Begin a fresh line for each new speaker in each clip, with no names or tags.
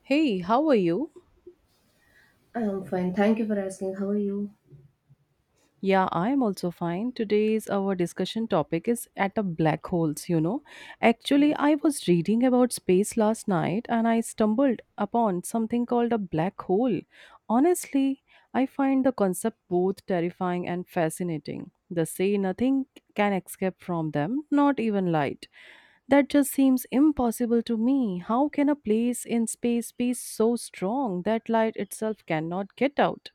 Hey, how are you?
I'm fine. Thank you for asking. How are you?
Yeah, I am also fine. Today's our discussion topic is at the black holes, you know. Actually, I was reading about space last night and I stumbled upon something called a black hole. Honestly, I find the concept both terrifying and fascinating. They say nothing can escape from them, not even light. That just seems impossible to me. How can a place in space be so strong that light itself cannot get out?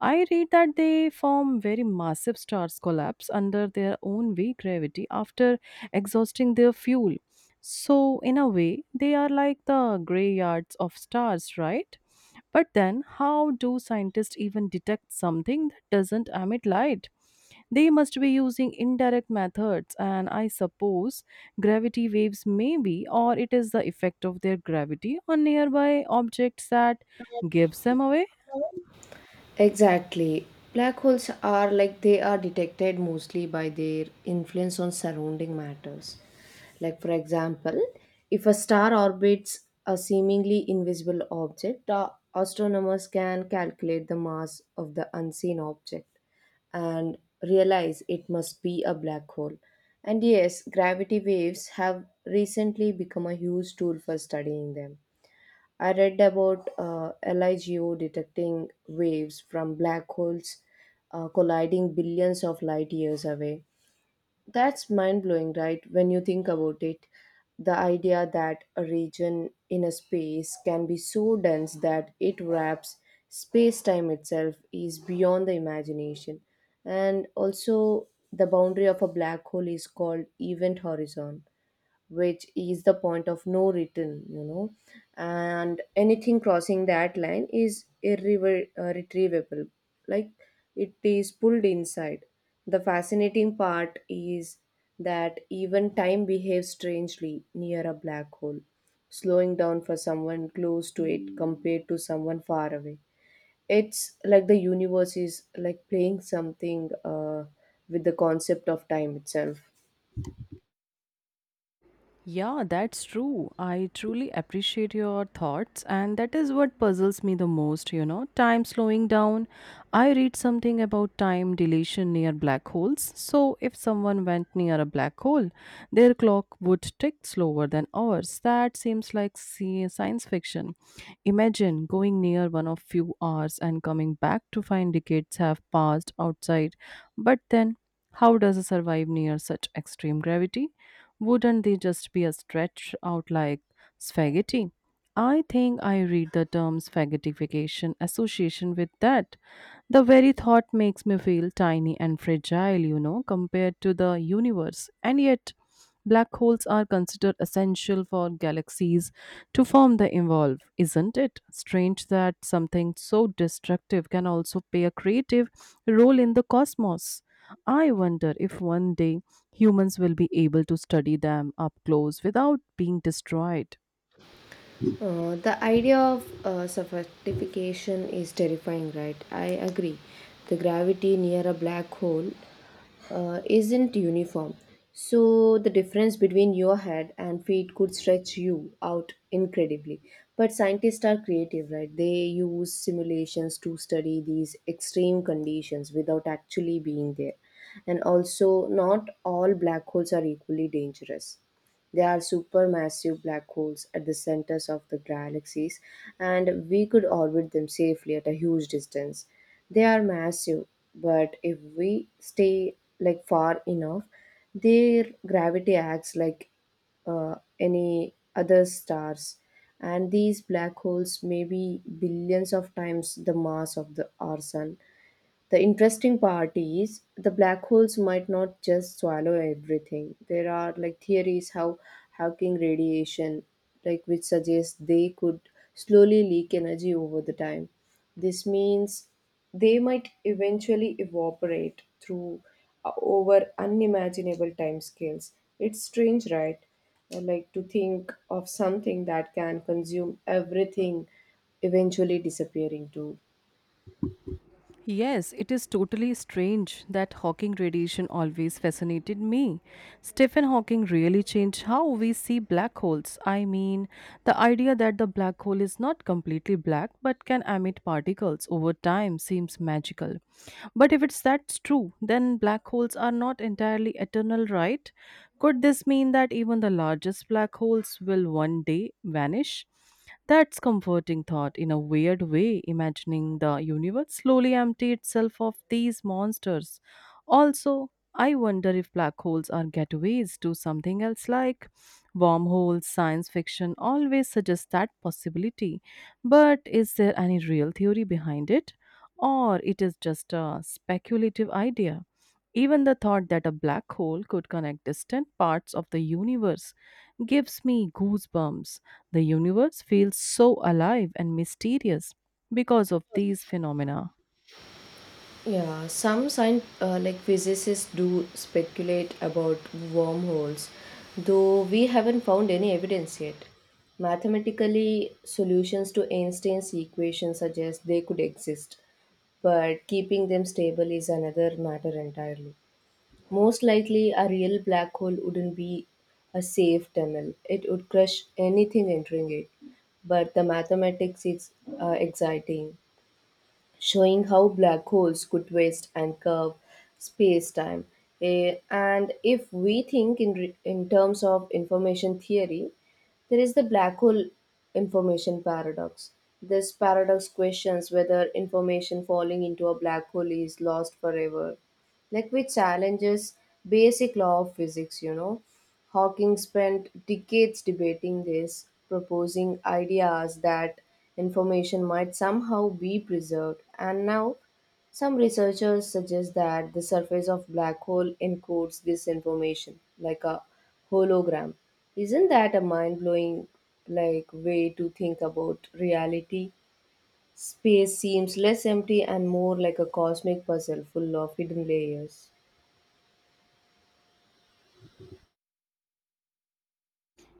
I read that they form very massive stars collapse under their own weak gravity after exhausting their fuel. So, in a way, they are like the graveyards of stars, right? But then, how do scientists even detect something that doesn't emit light? They must be using indirect methods, and I suppose gravity waves, maybe, or it is the effect of their gravity on nearby objects that gives them away.
Exactly. Black holes are like they are detected mostly by their influence on surrounding matters. Like, for example, if a star orbits a seemingly invisible object, astronomers can calculate the mass of the unseen object and realize it must be a black hole. And yes, gravity waves have recently become a huge tool for studying them. I read about LIGO detecting waves from black holes colliding billions of light years away. That's mind blowing, right? When you think about it, the idea that a region in a space can be so dense that it wraps space time itself is beyond the imagination. And also, the boundary of a black hole is called event horizon, which is the point of no return, and anything crossing that line is irretrievable, like it is pulled inside. The fascinating part is that even time behaves strangely near a black hole, slowing down for someone close to it compared to someone far away. It's like the universe is like playing something with the concept of time itself.
Yeah, that's true. I truly appreciate your thoughts, and that is what puzzles me the most, you know. Time slowing down. I read something about time dilation near black holes. So, if someone went near a black hole, their clock would tick slower than ours. That seems like science fiction. Imagine going near one of few hours and coming back to find decades have passed outside. But then, how does it survive near such extreme gravity? Wouldn't they just be a stretch out like spaghetti? I think I read the term spaghettification association with that. The very thought makes me feel tiny and fragile, you know, compared to the universe. And yet, black holes are considered essential for galaxies to form the evolve. Isn't it strange that something so destructive can also play a creative role in the cosmos? I wonder if one day humans will be able to study them up close without being destroyed.
The idea of suffocation is terrifying, right? I agree. The gravity near a black hole isn't uniform. So, the difference between your head and feet could stretch you out incredibly. But scientists are creative, right? They use simulations to study these extreme conditions without actually being there. And also, not all black holes are equally dangerous. They are supermassive black holes at the centers of the galaxies, and we could orbit them safely at a huge distance. They are massive, but if we stay like far enough, their gravity acts like any other stars, and these black holes may be billions of times the mass of the our sun. The interesting part is the black holes might not just swallow everything. There are like theories how Hawking radiation, like which suggests they could slowly leak energy over the time. This means they might eventually evaporate through over unimaginable timescales. It's strange, right? Like to think of something that can consume everything, eventually disappearing too.
Yes, it is totally strange that Hawking radiation always fascinated me. Stephen Hawking really changed how we see black holes. I mean, the idea that the black hole is not completely black but can emit particles over time seems magical. But if it's that's true, then black holes are not entirely eternal, right? Could this mean that even the largest black holes will one day vanish? That's comforting thought in a weird way, imagining the universe slowly empty itself of these monsters. Also, I wonder if black holes are getaways to something else like wormholes, science fiction always suggests that possibility. But is there any real theory behind it? Or it is just a speculative idea? Even the thought that a black hole could connect distant parts of the universe gives me goosebumps. The universe feels so alive and mysterious because of these phenomena.
Yeah, some science like physicists do speculate about wormholes, though we haven't found any evidence yet. Mathematically, solutions to Einstein's equation suggest they could exist, but keeping them stable is another matter entirely. Most likely, a real black hole wouldn't be a safe tunnel. It would crush anything entering it. But the mathematics is exciting, showing how black holes could twist and curve space-time. And if we think in, in terms of information theory, there is the black hole information paradox. This paradox questions whether information falling into a black hole is lost forever, like which challenges basic law of physics. Hawking spent decades debating this, proposing ideas that information might somehow be preserved, and now some researchers suggest that the surface of black hole encodes this information like a hologram. Isn't that a mind-blowing, like, way to think about reality? Space seems less empty and more like a cosmic puzzle full of hidden layers.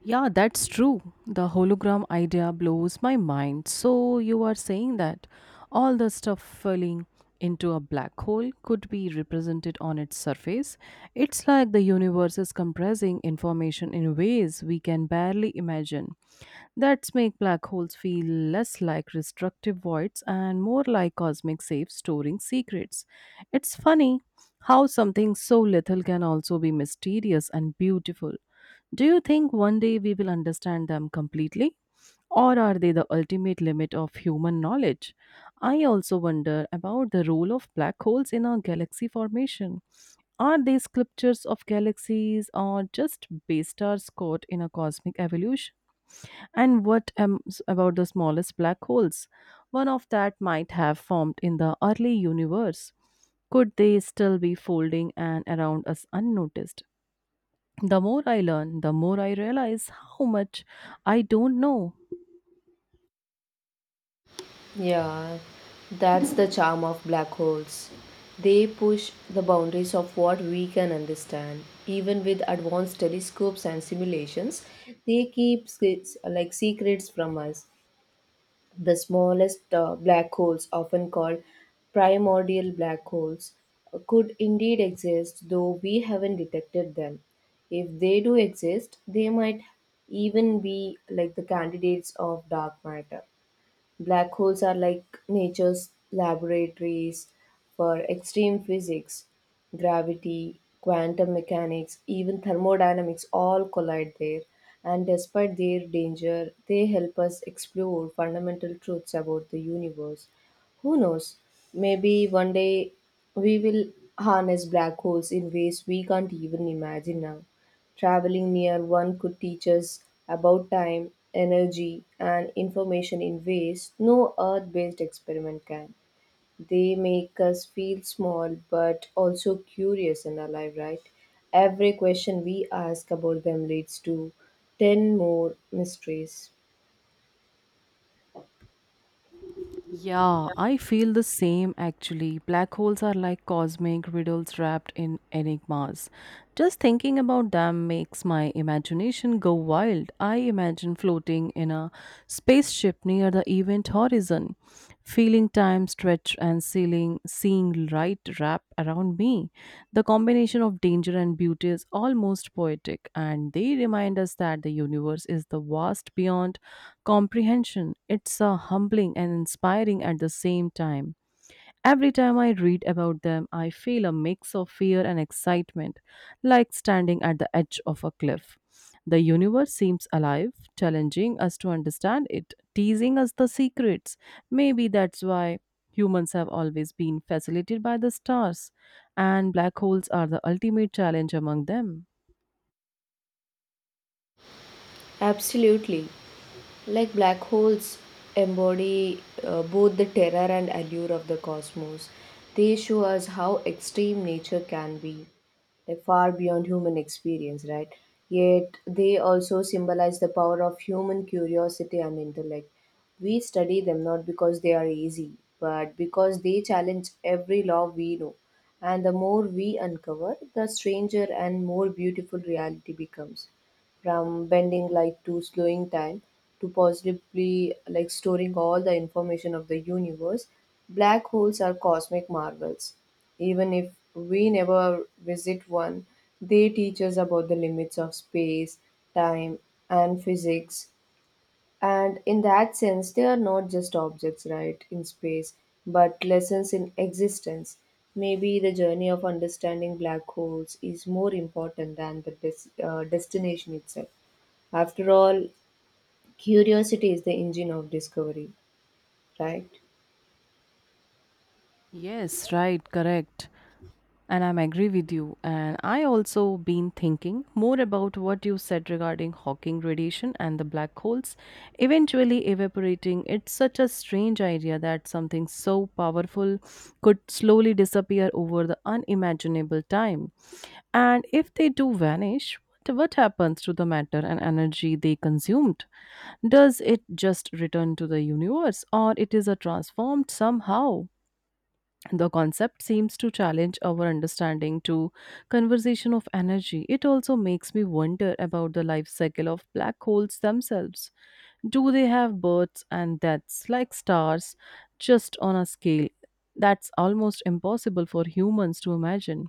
Yeah, that's true. The hologram idea blows my mind. So, you are saying that all the stuff falling into a black hole could be represented on its surface? It's like the universe is compressing information in ways we can barely imagine. That's make black holes feel less like destructive voids and more like cosmic safes storing secrets. It's funny how something so little can also be mysterious and beautiful. Do you think one day we will understand them completely? Or are they the ultimate limit of human knowledge? I also wonder about the role of black holes in our galaxy formation. Are they sculptures of galaxies or just base stars caught in a cosmic evolution? And about the smallest black holes? One of that might have formed in the early universe. Could they still be folding and around us unnoticed? The more I learn, the more I realize how much I don't know.
Yeah, that's the charm of black holes. They push the boundaries of what we can understand. Even with advanced telescopes and simulations, they keep secrets, like secrets from us. The smallest black holes, often called primordial black holes, could indeed exist, though we haven't detected them. If they do exist, they might even be like the candidates of dark matter. Black holes are like nature's laboratories for extreme physics, gravity, quantum mechanics, even thermodynamics all collide there. And despite their danger, they help us explore fundamental truths about the universe. Who knows? Maybe one day we will harness black holes in ways we can't even imagine now. Traveling near one could teach us about time, energy, and information in ways no earth based experiment can. They make us feel small but also curious and alive, right? Every question we ask about them leads to 10 more mysteries.
Yeah, I feel the same actually. Black holes are like cosmic riddles wrapped in enigmas. Just thinking about them makes my imagination go wild. I imagine floating in a spaceship near the event horizon, feeling spending time stretch and sealing, seeing light wrap around me. The combination of danger and beauty is almost poetic, and they remind us that the universe is the vast beyond comprehension. It's a humbling and inspiring at the same time. Every time I read about them, I feel a mix of fear and excitement, like standing at the edge of a cliff. The universe seems alive, challenging us to understand it, teasing us the secrets. Maybe that's why humans have always been fascinated by the stars, and black holes are the ultimate challenge among them.
Absolutely. Like black holes embody both the terror and allure of the cosmos. They show us how extreme nature can be, like far beyond human experience, right? Yet they also symbolize the power of human curiosity and intellect. We study them not because they are easy, but because they challenge every law we know. And the more we uncover, the stranger and more beautiful reality becomes, from bending light to slowing time to possibly like storing all the information of the universe. Black holes are cosmic marvels. Even if we never visit one, they teach us about the limits of space, time, and physics. And in that sense, they are not just objects, right, in space, but lessons in existence. Maybe the journey of understanding black holes is more important than the destination itself. After all, curiosity is the engine of discovery, right?
Yes, right, correct. And I'm agree with you. And I also been thinking more about what you said regarding Hawking radiation and the black holes eventually evaporating. It's such a strange idea that something so powerful could slowly disappear over the unimaginable time. And if they do vanish, what happens to the matter and energy they consumed? Does it just return to the universe or it is a transformed somehow? The concept seems to challenge our understanding to conversation of energy. It also makes me wonder about the life cycle of black holes themselves. Do they have births and deaths like stars, just on a scale that's almost impossible for humans to imagine?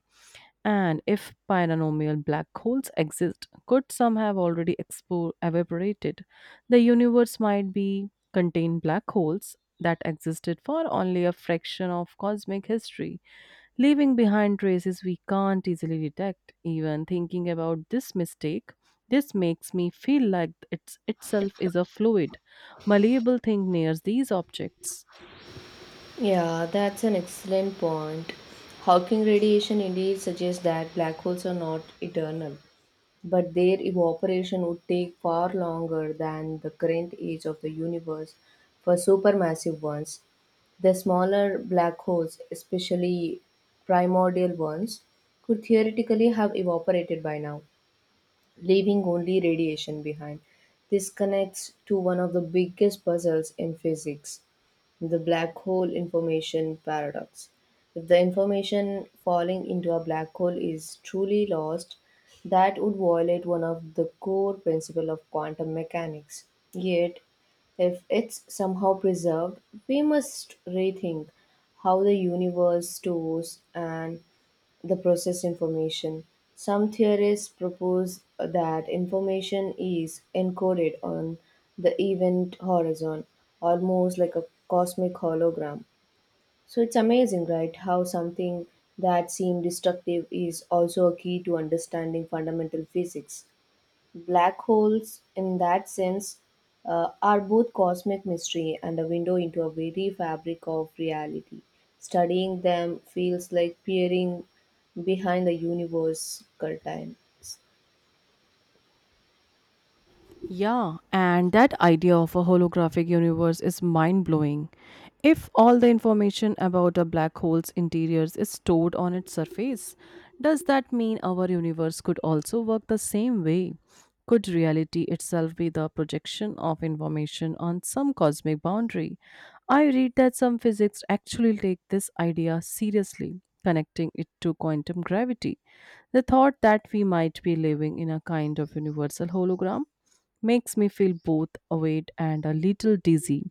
And if paranormal black holes exist, could some have already evaporated? The universe might be contain black holes that existed for only a fraction of cosmic history, leaving behind traces we can't easily detect. Even thinking about this mistake, this makes me feel like it's itself is a fluid, malleable thing near these objects.
Yeah, that's an excellent point. Hawking radiation indeed suggests that black holes are not eternal, but their evaporation would take far longer than the current age of the universe for supermassive ones. The smaller black holes, especially primordial ones, could theoretically have evaporated by now, leaving only radiation behind. This connects to one of the biggest puzzles in physics, the black hole information paradox. If the information falling into a black hole is truly lost, that would violate one of the core principles of quantum mechanics. Yet, if it's somehow preserved, we must rethink how the universe stores and the process information. Some theorists propose that information is encoded on the event horizon, almost like a cosmic hologram. So it's amazing, right? How something that seemed destructive is also a key to understanding fundamental physics. Black holes, in that sense, are both cosmic mystery and a window into a very fabric of reality. Studying them feels like peering behind the universe curtains.
Yeah, and that idea of a holographic universe is mind blowing. If all the information about a black hole's interiors is stored on its surface, does that mean our universe could also work the same way? Could reality itself be the projection of information on some cosmic boundary? I read that some physics actually take this idea seriously, connecting it to quantum gravity. The thought that we might be living in a kind of universal hologram makes me feel both awake and a little dizzy.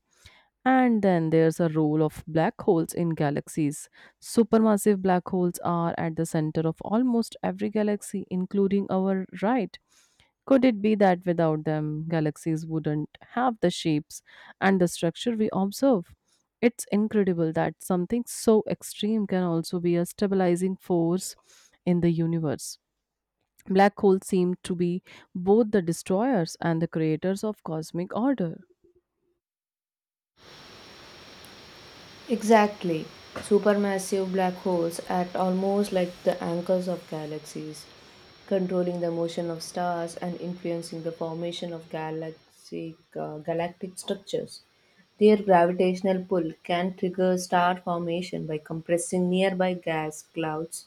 And then there's a role of black holes in galaxies. Supermassive black holes are at the center of almost every galaxy, including our right. Could it be that without them, galaxies wouldn't have the shapes and the structure we observe? It's incredible that something so extreme can also be a stabilizing force in the universe. Black holes seem to be both the destroyers and the creators of cosmic order.
Exactly. Supermassive black holes act almost like the anchors of galaxies, controlling the motion of stars and influencing the formation of galactic structures. Their gravitational pull can trigger star formation by compressing nearby gas clouds,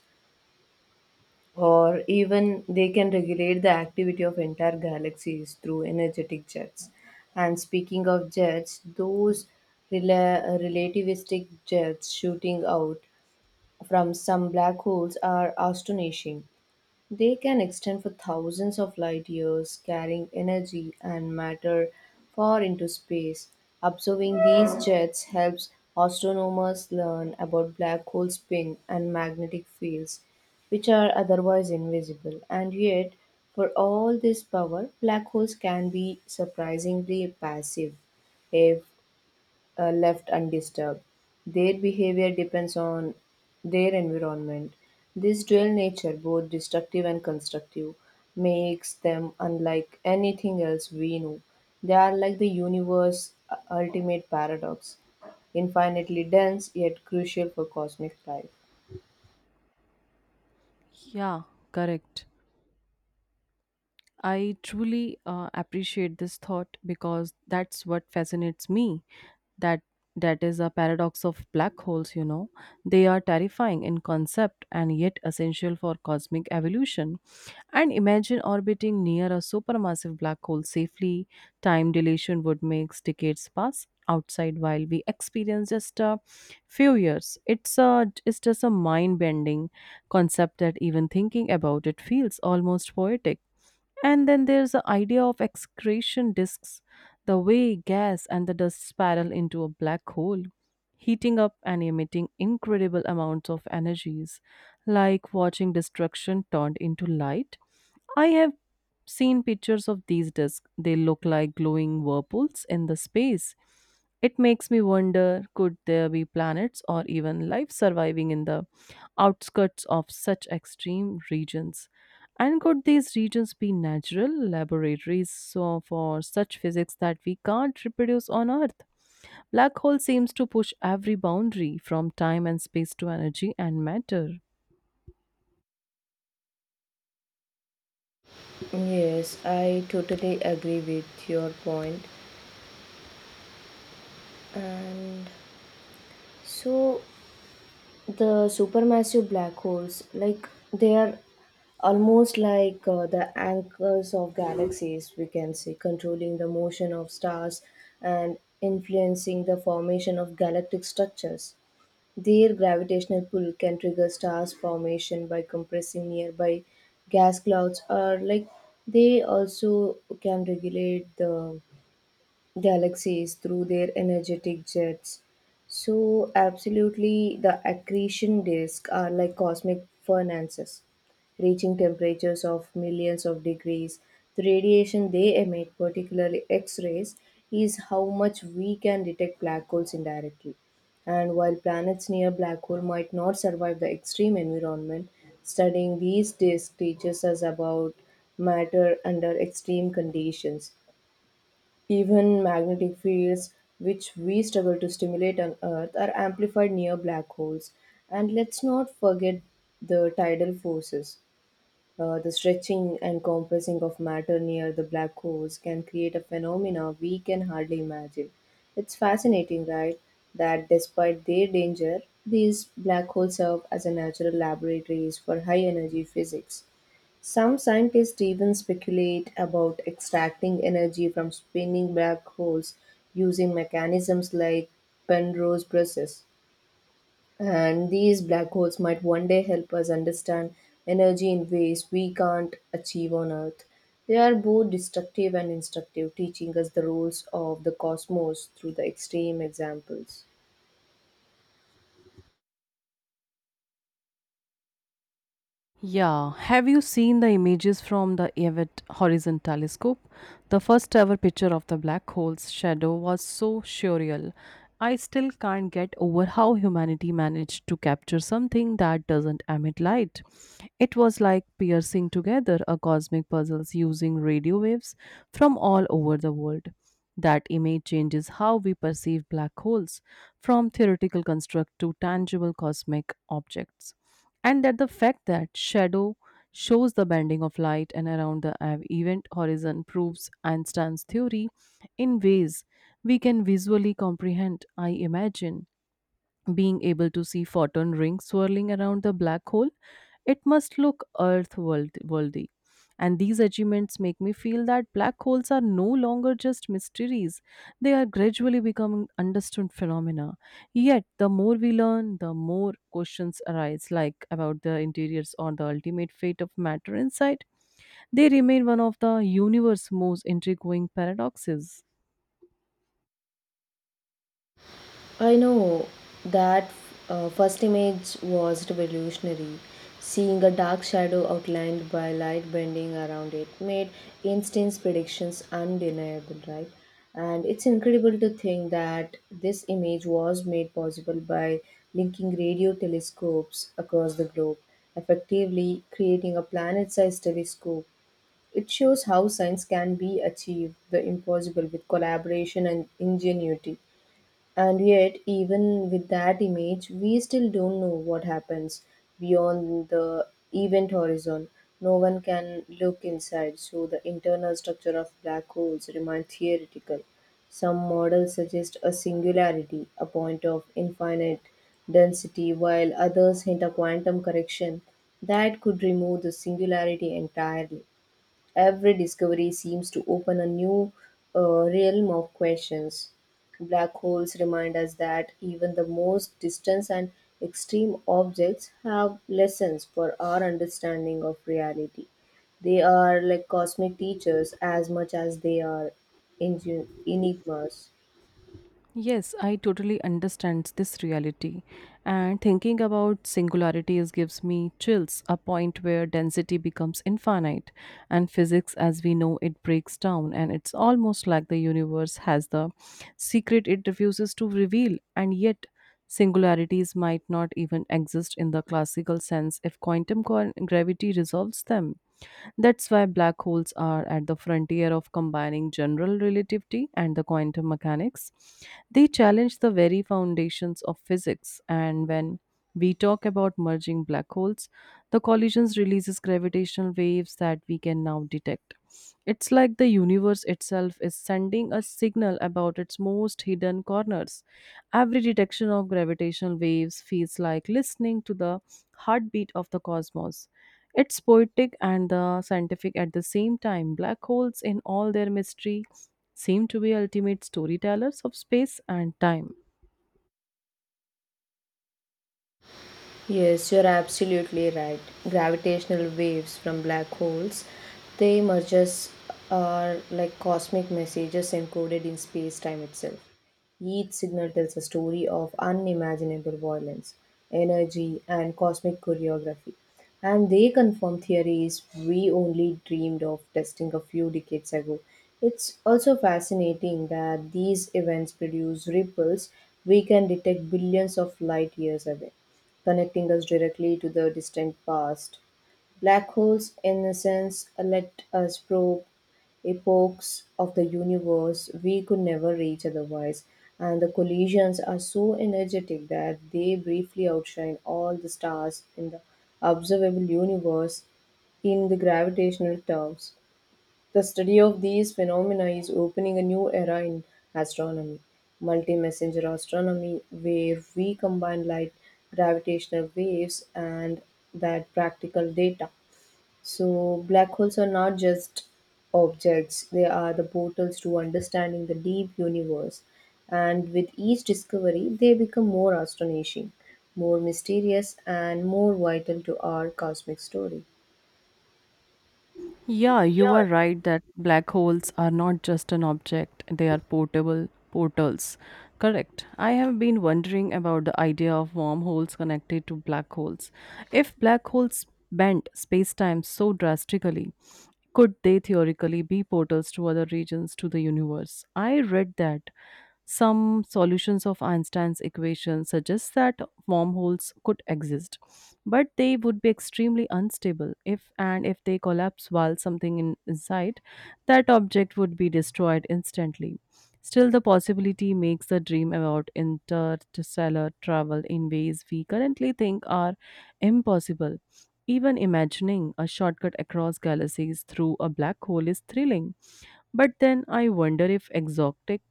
or even they can regulate the activity of entire galaxies through energetic jets. And speaking of jets, those relativistic jets shooting out from some black holes are astonishing. They can extend for thousands of light years, carrying energy and matter far into space. Observing these jets helps astronomers learn about black hole spin and magnetic fields, which are otherwise invisible. And yet, for all this power, black holes can be surprisingly passive. If left undisturbed. Their behavior depends on their environment. This dual nature, both destructive and constructive, makes them unlike anything else we know. They are like the universe's ultimate paradox, infinitely dense yet crucial for cosmic life.
Yeah, correct. I truly appreciate this thought because that's what fascinates me. That that is a paradox of black holes, you know. They are terrifying in concept and yet essential for cosmic evolution. And imagine orbiting near a supermassive black hole safely. Time dilation would make decades pass outside while we experience just a few years. It's just a mind bending concept that even thinking about it feels almost poetic. And then there's the idea of excretion disks, the way gas and the dust spiral into a black hole, heating up and emitting incredible amounts of energies, like watching destruction turned into light. I have seen pictures of these disks. They look like glowing whirlpools in the space. It makes me wonder could there be planets or even life surviving in the outskirts of such extreme regions? And could these regions be natural laboratories so for such physics that we can't reproduce on Earth? Black hole seems to push every boundary from time and space to energy and matter.
Yes, I totally agree with your point. And so, the supermassive black holes, like they are almost like the anchors of galaxies, we can say, controlling the motion of stars and influencing the formation of galactic structures. Their gravitational pull can trigger stars formation by compressing nearby gas clouds, or like they also can regulate the galaxies through their energetic jets. So, absolutely, the accretion disks are like cosmic furnaces, reaching temperatures of millions of degrees. The radiation they emit, particularly X rays, is how much we can detect black holes indirectly. And while planets near black hole might not survive the extreme environment, studying these disks teaches us about matter under extreme conditions, even magnetic fields, which we struggle to stimulate on Earth, are amplified near black holes. And let's not forget the tidal forces. The stretching and compressing of matter near the black holes can create a phenomena we can hardly imagine. It's fascinating, right, that despite their danger, these black holes serve as a natural laboratories for high energy physics. Some scientists even speculate about extracting energy from spinning black holes using mechanisms like Penrose process. And these black holes might one day help us understand energy in ways we can't achieve on Earth. They are both destructive and instructive, teaching us the rules of the cosmos through the extreme examples.
Yeah, have you seen the images from the Evett Horizon Telescope? The first ever picture of the black hole's shadow was so surreal. I still can't get over how humanity managed to capture something that doesn't emit light. It was like piercing together a cosmic puzzle using radio waves from all over the world. That image changes how we perceive black holes, from theoretical construct to tangible cosmic objects and that the fact that shadow shows the bending of light and around the event horizon proves Einstein's theory in ways we can visually comprehend, I imagine being able to see photon rings swirling around the black hole, it must look earth worldy. And these achievements make me feel that black holes are no longer just mysteries. They are gradually becoming understood phenomena. Yet, the more we learn, the more questions arise, like about the interiors or the ultimate fate of matter inside. They remain one of the universe's most intriguing paradoxes.
I know that first image was revolutionary. Seeing a dark shadow outlined by light bending around it made instant predictions undeniable, right? And it's incredible to think that this image was made possible by linking radio telescopes across the globe, effectively creating a planet sized telescope. It shows how science can be achieved the impossible with collaboration and ingenuity. And yet, even with that image, we still don't know what happens beyond the event horizon. No one can look inside, so the internal structure of black holes remains theoretical. Some models suggest a singularity, a point of infinite density, while others hint a quantum correction that could remove the singularity entirely. Every discovery seems to open a new realm of questions. Black holes remind us that even the most distant and extreme objects have lessons for our understanding of reality. They are like cosmic teachers as much as they are enigmas.
Yes, I totally understand this reality. And thinking about singularities gives me chills, a point where density becomes infinite. And physics, as we know, it breaks down. And it's almost like the universe has the secret it refuses to reveal. And yet, singularities might not even exist in the classical sense if quantum gravity resolves them. That's why black holes are at the frontier of combining general relativity and the quantum mechanics. They challenge the very foundations of physics, and when we talk about merging black holes, the collisions releases gravitational waves that we can now detect. It's like the universe itself is sending a signal about its most hidden corners. Every detection of gravitational waves feels like listening to the heartbeat of the cosmos. It's poetic and the scientific at the same time. Black holes, in all their mystery, seem to be ultimate storytellers of space and time.
Yes, you're absolutely right. Gravitational waves from black holes, they merges are like cosmic messages encoded in space-time itself. Each signal tells a story of unimaginable violence, energy, and cosmic choreography. And they confirm theories we only dreamed of testing a few decades ago. It's also fascinating that these events produce ripples we can detect billions of light years away, connecting us directly to the distant past. Black holes, in a sense, let us probe epochs of the universe we could never reach otherwise, and the collisions are so energetic that they briefly outshine all the stars in the observable universe in the gravitational terms. The study of these phenomena is opening a new era in astronomy, multi messenger astronomy, where we combine light, gravitational waves, and that practical data. So, black holes are not just objects, they are the portals to understanding the deep universe. And with each discovery, they become more astonishing, more mysterious, and more vital to our cosmic story.
Yeah, you are right that black holes are not just an object, they are portable portals. Correct. I have been wondering about the idea of wormholes connected to black holes. If black holes bend space time so drastically, could they theoretically be portals to other regions to the universe? I read that some solutions of Einstein's equation suggest that wormholes could exist, but they would be extremely unstable if and if they collapse while something inside, that object would be destroyed instantly. Still, the possibility makes the dream about interstellar travel in ways we currently think are impossible. Even imagining a shortcut across galaxies through a black hole is thrilling. But then I wonder if exotic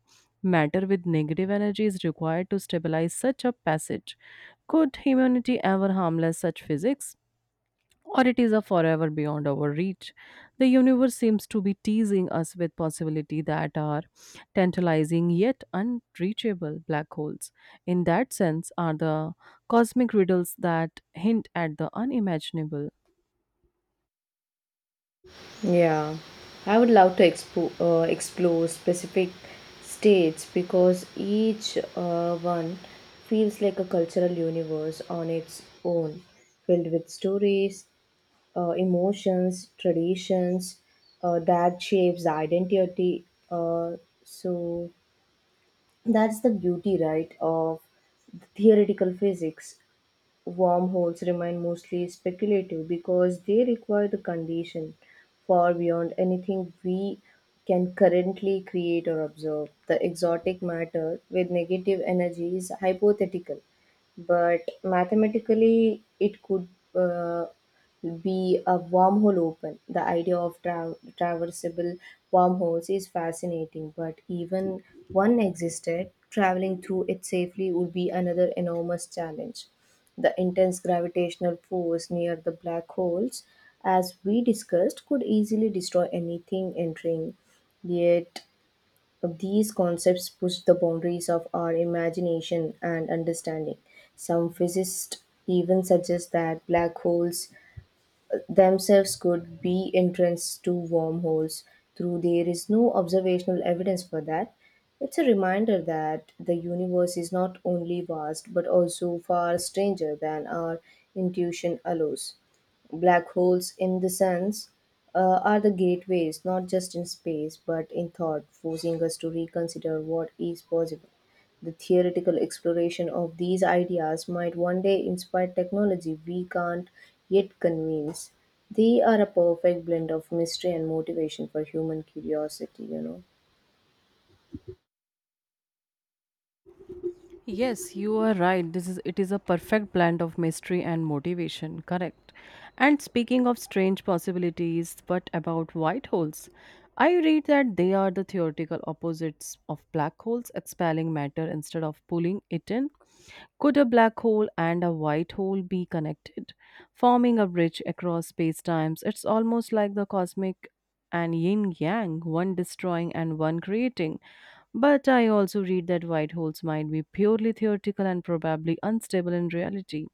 matter with negative energy is required to stabilize such a passage. Could humanity ever harmless such physics? Or it is a forever beyond our reach. The universe seems to be teasing us with possibility that are tantalizing yet unreachable black holes. In that sense, are the cosmic riddles that hint at the unimaginable.
Yeah, I would love to explore specific states because each one feels like a cultural universe on its own, filled with stories, emotions, traditions that shapes identity. Uh, so that's the beauty, right, of theoretical physics. Wormholes remain mostly speculative because they require the condition far beyond anything we can currently create or observe. The exotic matter with negative energy is hypothetical, but mathematically it could uh, be a wormhole open. The idea of traversable wormholes is fascinating, but even one existed, traveling through it safely would be another enormous challenge. The intense gravitational force near the black holes, as we discussed, could easily destroy anything entering. Yet, these concepts push the boundaries of our imagination and understanding. Some physicists even suggest that black holes themselves could be entrance to wormholes. Though there is no observational evidence for that, it's a reminder that the universe is not only vast but also far stranger than our intuition allows. Black holes, in the sense, are the gateways not just in space but in thought, forcing us to reconsider what is possible. The theoretical exploration of these ideas might one day inspire technology we can't yet convince. They are a perfect blend of mystery and motivation for human curiosity, you know.
Yes, you are right. This is It is a perfect blend of mystery and motivation, correct? And speaking of strange possibilities, but about white holes, I read that they are the theoretical opposites of black holes expelling matter instead of pulling it in. Could a black hole and a white hole be connected, forming a bridge across space times? It's almost like the cosmic and yin yang, one destroying and one creating. But I also read that white holes might be purely theoretical and probably unstable in reality.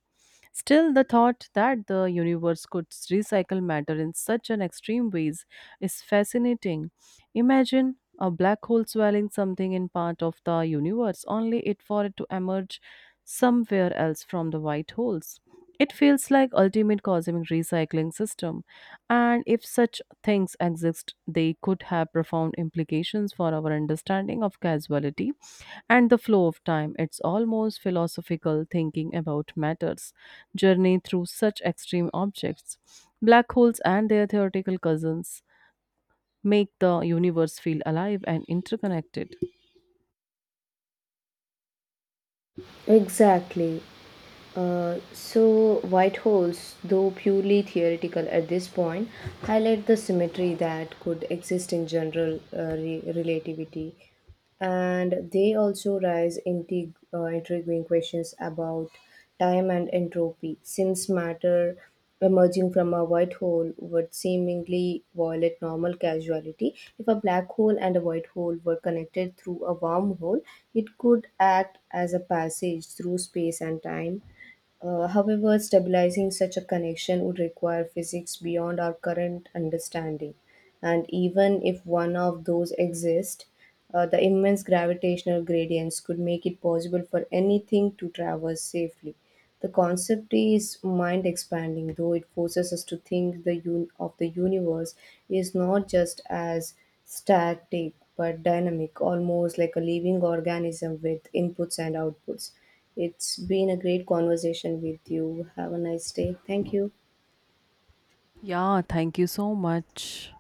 Still, the thought that the universe could recycle matter in such an extreme ways is fascinating. Imagine a black hole swallowing something in part of the universe, only it for it to emerge somewhere else from the white holes. It feels like ultimate cosmic recycling system, and if such things exist, they could have profound implications for our understanding of causality and the flow of time. It's almost philosophical thinking about matters, journey through such extreme objects. Black holes and their theoretical cousins make the universe feel alive and interconnected.
Exactly. White holes, though purely theoretical at this point, highlight the symmetry that could exist in general relativity. And they also raise intriguing questions about time and entropy, since matter emerging from a white hole would seemingly violate normal causality. If a black hole and a white hole were connected through a wormhole, it could act as a passage through space and time. However, stabilizing such a connection would require physics beyond our current understanding, and even if one of those exists, the immense gravitational gradients could make it possible for anything to traverse safely. The concept is mind expanding, though it forces us to think the of the universe is not just as static but dynamic, almost like a living organism with inputs and outputs. It's been a great conversation with you. Have a nice day. Thank you.
Yeah, thank you so much.